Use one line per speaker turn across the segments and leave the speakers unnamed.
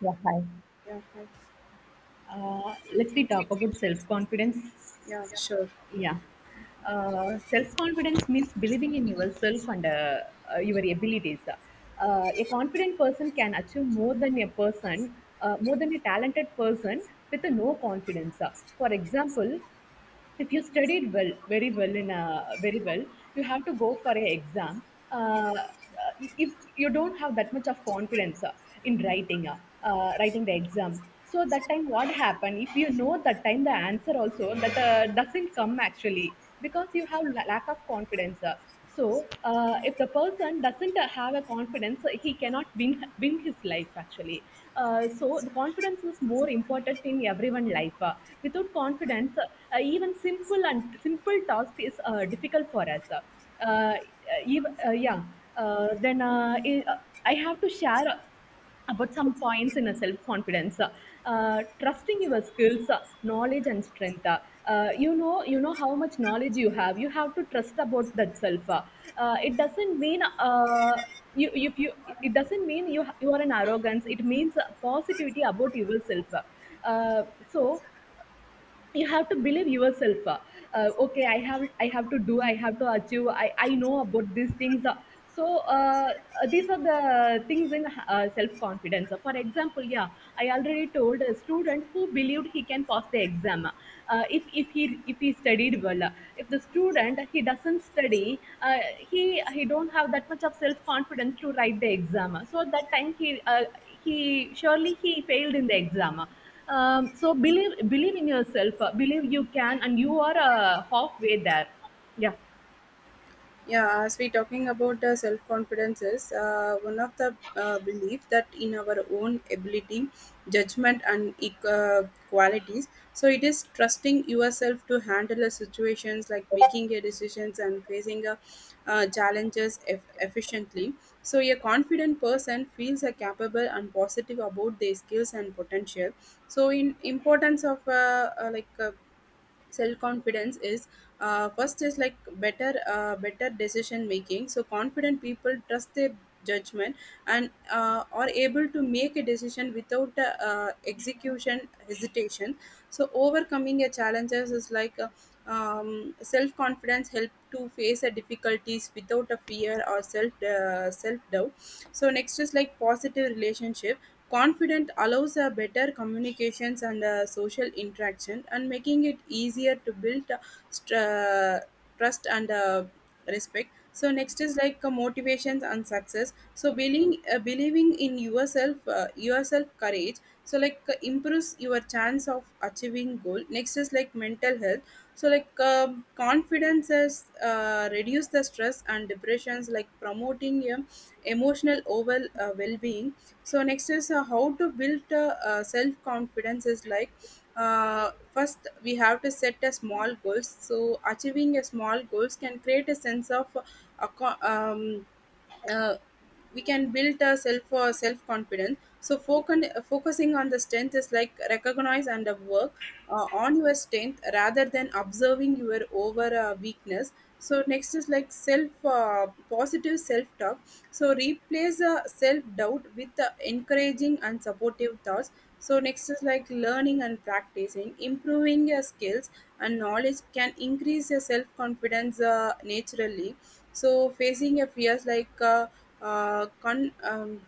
Yeah, hi.
Yeah, hi.
Let we talk about self confidence.
Yeah, sure.
Yeah. Self confidence means believing in yourself and your abilities. A confident person can achieve more than a more than a talented person with a no confidence. For example, if you studied well very well in a very well you have to go for an exam uh, uh, if you don't have that much of confidence in writing writing the exam, so that time what happened, if you know that time the answer also that doesn't come actually because you have lack of confidence So if the person doesn't have a confidence he cannot win his life actually. So the confidence is more important in everyone life. Without confidence, even simple and simple task is difficult for us. If, yeah. Then I have to share about some points in a self confidence, trusting your skills, knowledge and strength. You know how much knowledge you have, you have to trust about that self it doesn't mean you if you it doesn't mean you are an arrogance, it means positivity about yourself. So you have to believe yourself. Okay, I have to do, I have to achieve, I know about these things. So uh, these are the things in self confidence. For example, yeah, I already told, a student who believed he can pass the exam if he studied well. If the student he doesn't study, uh, he he don't have that much of self confidence to write the exam, so at that time he surely he failed in the exam. So believe in yourself, believe you can and you are halfway there. Yeah.
Yeah, as we talking about the self-confidence is one of the belief that in our own ability, judgment, and qualities. So it is trusting yourself to handle the situations like making your decisions and facing efficiently. So a confident person feels a capable and positive about their skills and potential. So in importance of like self-confidence is first is like better decision making, so confident people trust their judgment and are able to make a decision without execution hesitation. So overcoming a challenges is like self-confidence help to face a difficulties without a fear or self-doubt. So next is like positive relationships. Confident allows a better communications and social interaction and making it easier to build str- uh, trust and respect. So next is like motivations and success. So believing in yourself, yourself courage. So like improves your chance of achieving goal. Next is like mental health. So like confidence is reduce the stress and depressions. Like promoting emotional overall well being. So next is how to build self confidence is like first we have to set a small goals, so achieving a small goals can create a sense of aco- um, uh, we can build a self confidence. So focusing on the strength is like recognize and work on your strength rather than observing your over weakness. So next is like self positive self talk. So replace self doubt with encouraging and supportive thoughts. So next is like learning and practicing improving your skills and knowledge can increase your self confidence naturally. So facing a fears like uh, con- um,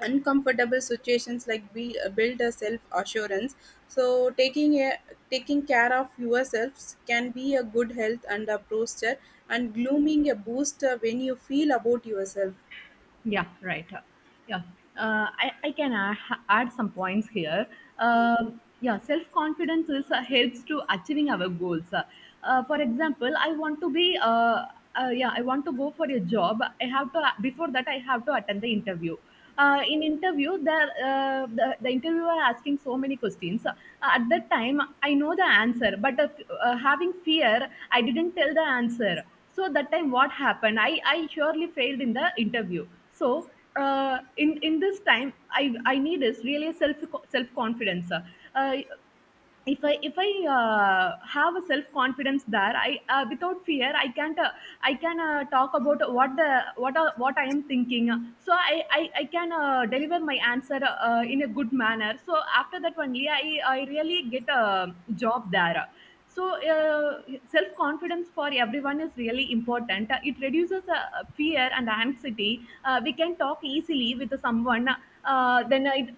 uncomfortable situations like build a self assurance. So taking care of yourselves can be a good health and a posture, and glooming a boost when you feel about yourself.
Yeah, right. Yeah, I can add some points here. Yeah, self confidence is helps to achieving our goals. For example, I want to be, yeah, I want to go for a job. I have to before that I have to attend the interview. In interview, the interviewer asking so many questions. At that time, I know the answer, but having fear, I didn't tell the answer. So that time, what happened? I surely failed in the interview. So in this time I need is really self confidence. uh, if I have a self confidence there, I without fear I can't I can talk about what the what I am thinking. So I can deliver my answer in a good manner, so after that only I really get a job there. So uh, self confidence for everyone is really important. It reduces fear and anxiety. We can talk easily with someone. Then it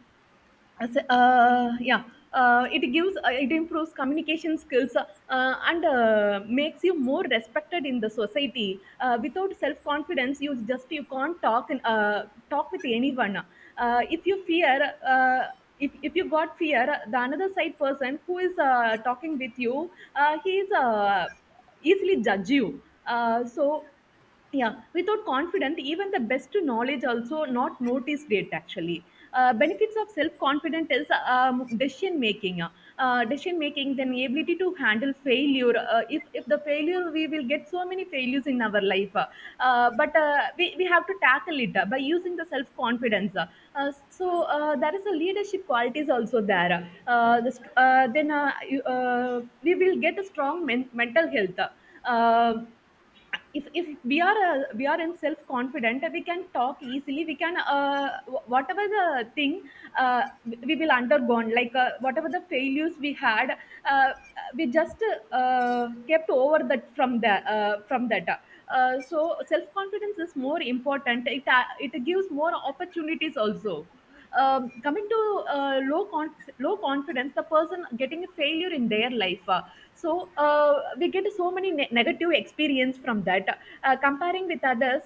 as yeah, it improves communication skills, and makes you more respected in the society. Without self confidence you just you can't talk and talk with anyone. If you got fear, the another side person who is talking with you, he is easily judge you. So yeah, without confidence, even the best knowledge also not noticed it actually. Benefits of self confidence is, decision making. Decision making, then ability to handle failure. If the failure, we will get so many failures in our life, but we have to tackle it by using the self confidence. There is a leadership qualities also there, then we will get a strong mental health. Uh, if we are we are in self confident, we can talk easily, we can whatever the thing, uh, we will undergone, like whatever the failures we had, uh, we just kept over that from the from that. So self confidence is more important, it it gives more opportunities also. Coming to uh, low con low confidence, the person getting a failure in their life. So we get so many negative experience from that. Uh, comparing with others,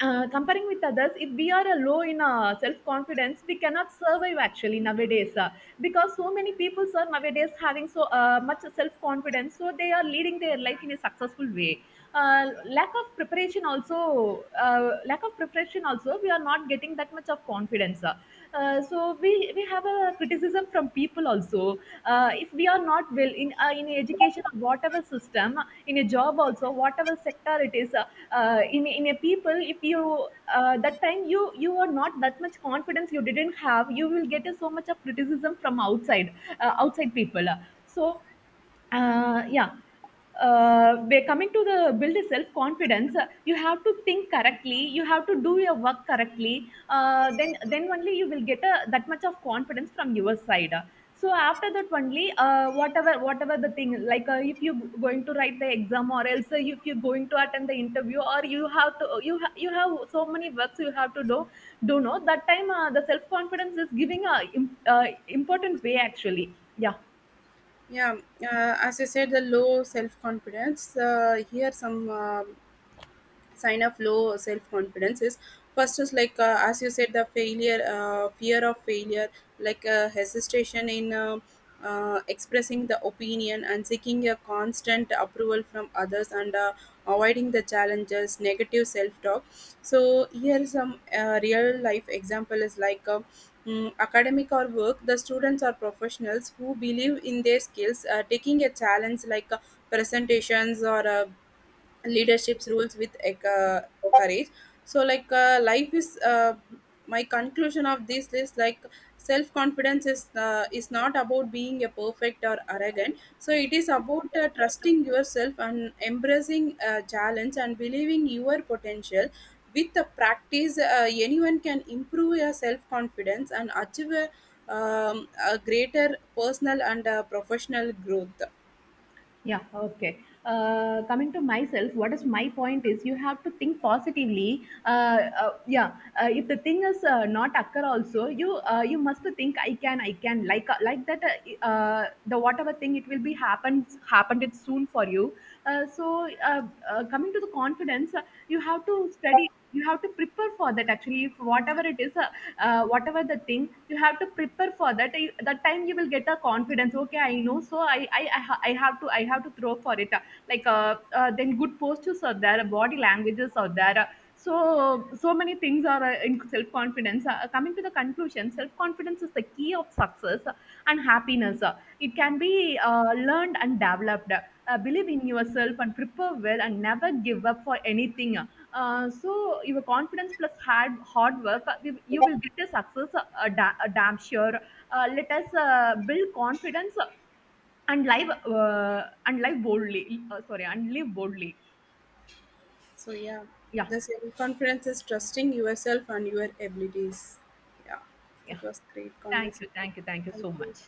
comparing with others, if we are low in self-confidence, we cannot survive actually nowadays. Because so many people are nowadays having so much self-confidence, so they are leading their life in a successful way. Lack of preparation also, we are not getting that much of confidence. So we have a criticism from people also, if we are not well in education or whatever system, in a job also, whatever sector it is. Uh, in a people if you that time you you are not that much confidence, you didn't have, you will get a so much of criticism from outside people. So yeah, we're coming to the build a self confidence. You have to think correctly, you have to do your work correctly, then only you will get a, that much of confidence from your side. So after that only, whatever whatever the thing, like if you going to write the exam, or else if you're going to attend the interview, or you have to you have so many works you have to do. Do know that time the self confidence is giving a important way actually. Yeah.
Yeah, as I said, the low self confidence. Here some. Sign of low self confidence is first is like as you said, the failure fear of failure, like hesitation in expressing the opinion and seeking a constant approval from others and avoiding the challenges, negative self talk. So here some real life example is like academic or work, the students or professionals who believe in their skills taking a challenge like presentations or leadership's rules with courage. So like life is my conclusion of this is like self confidence is not about being a perfect or arrogant, so it is about trusting yourself and embracing challenge and believing your potential. With the practice, anyone can improve your self confidence and achieve a greater personal and professional growth.
Yeah, okay. Coming to myself, what is my point is, you have to think positively. Yeah, if the thing is not occur also, you must think I can, I can, like that. The whatever thing, it will be happens happened it soon for you. Uh, so uh, coming to the confidence, you have to study. You have to prepare for that actually. If whatever it is, whatever the thing, you have to prepare for that. That time you will get a confidence, okay, I know, so I have to I have to throw for it. Like then good postures are there, body languages are there. So so many things are in self confidence. Coming to the conclusion, self confidence is the key of success and happiness. It can be learned and developed. Believe in yourself and prepare well and never give up for anything. So your confidence plus hard work, you you will get a success, damn sure. Let us build confidence and live boldly sorry and live boldly.
So yeah,
Yeah.
the self-confidence is trusting yourself and your abilities. Yeah, it
Yeah.
was great
thank you
conversation.
thank you thank you
Thank
so
you.
much.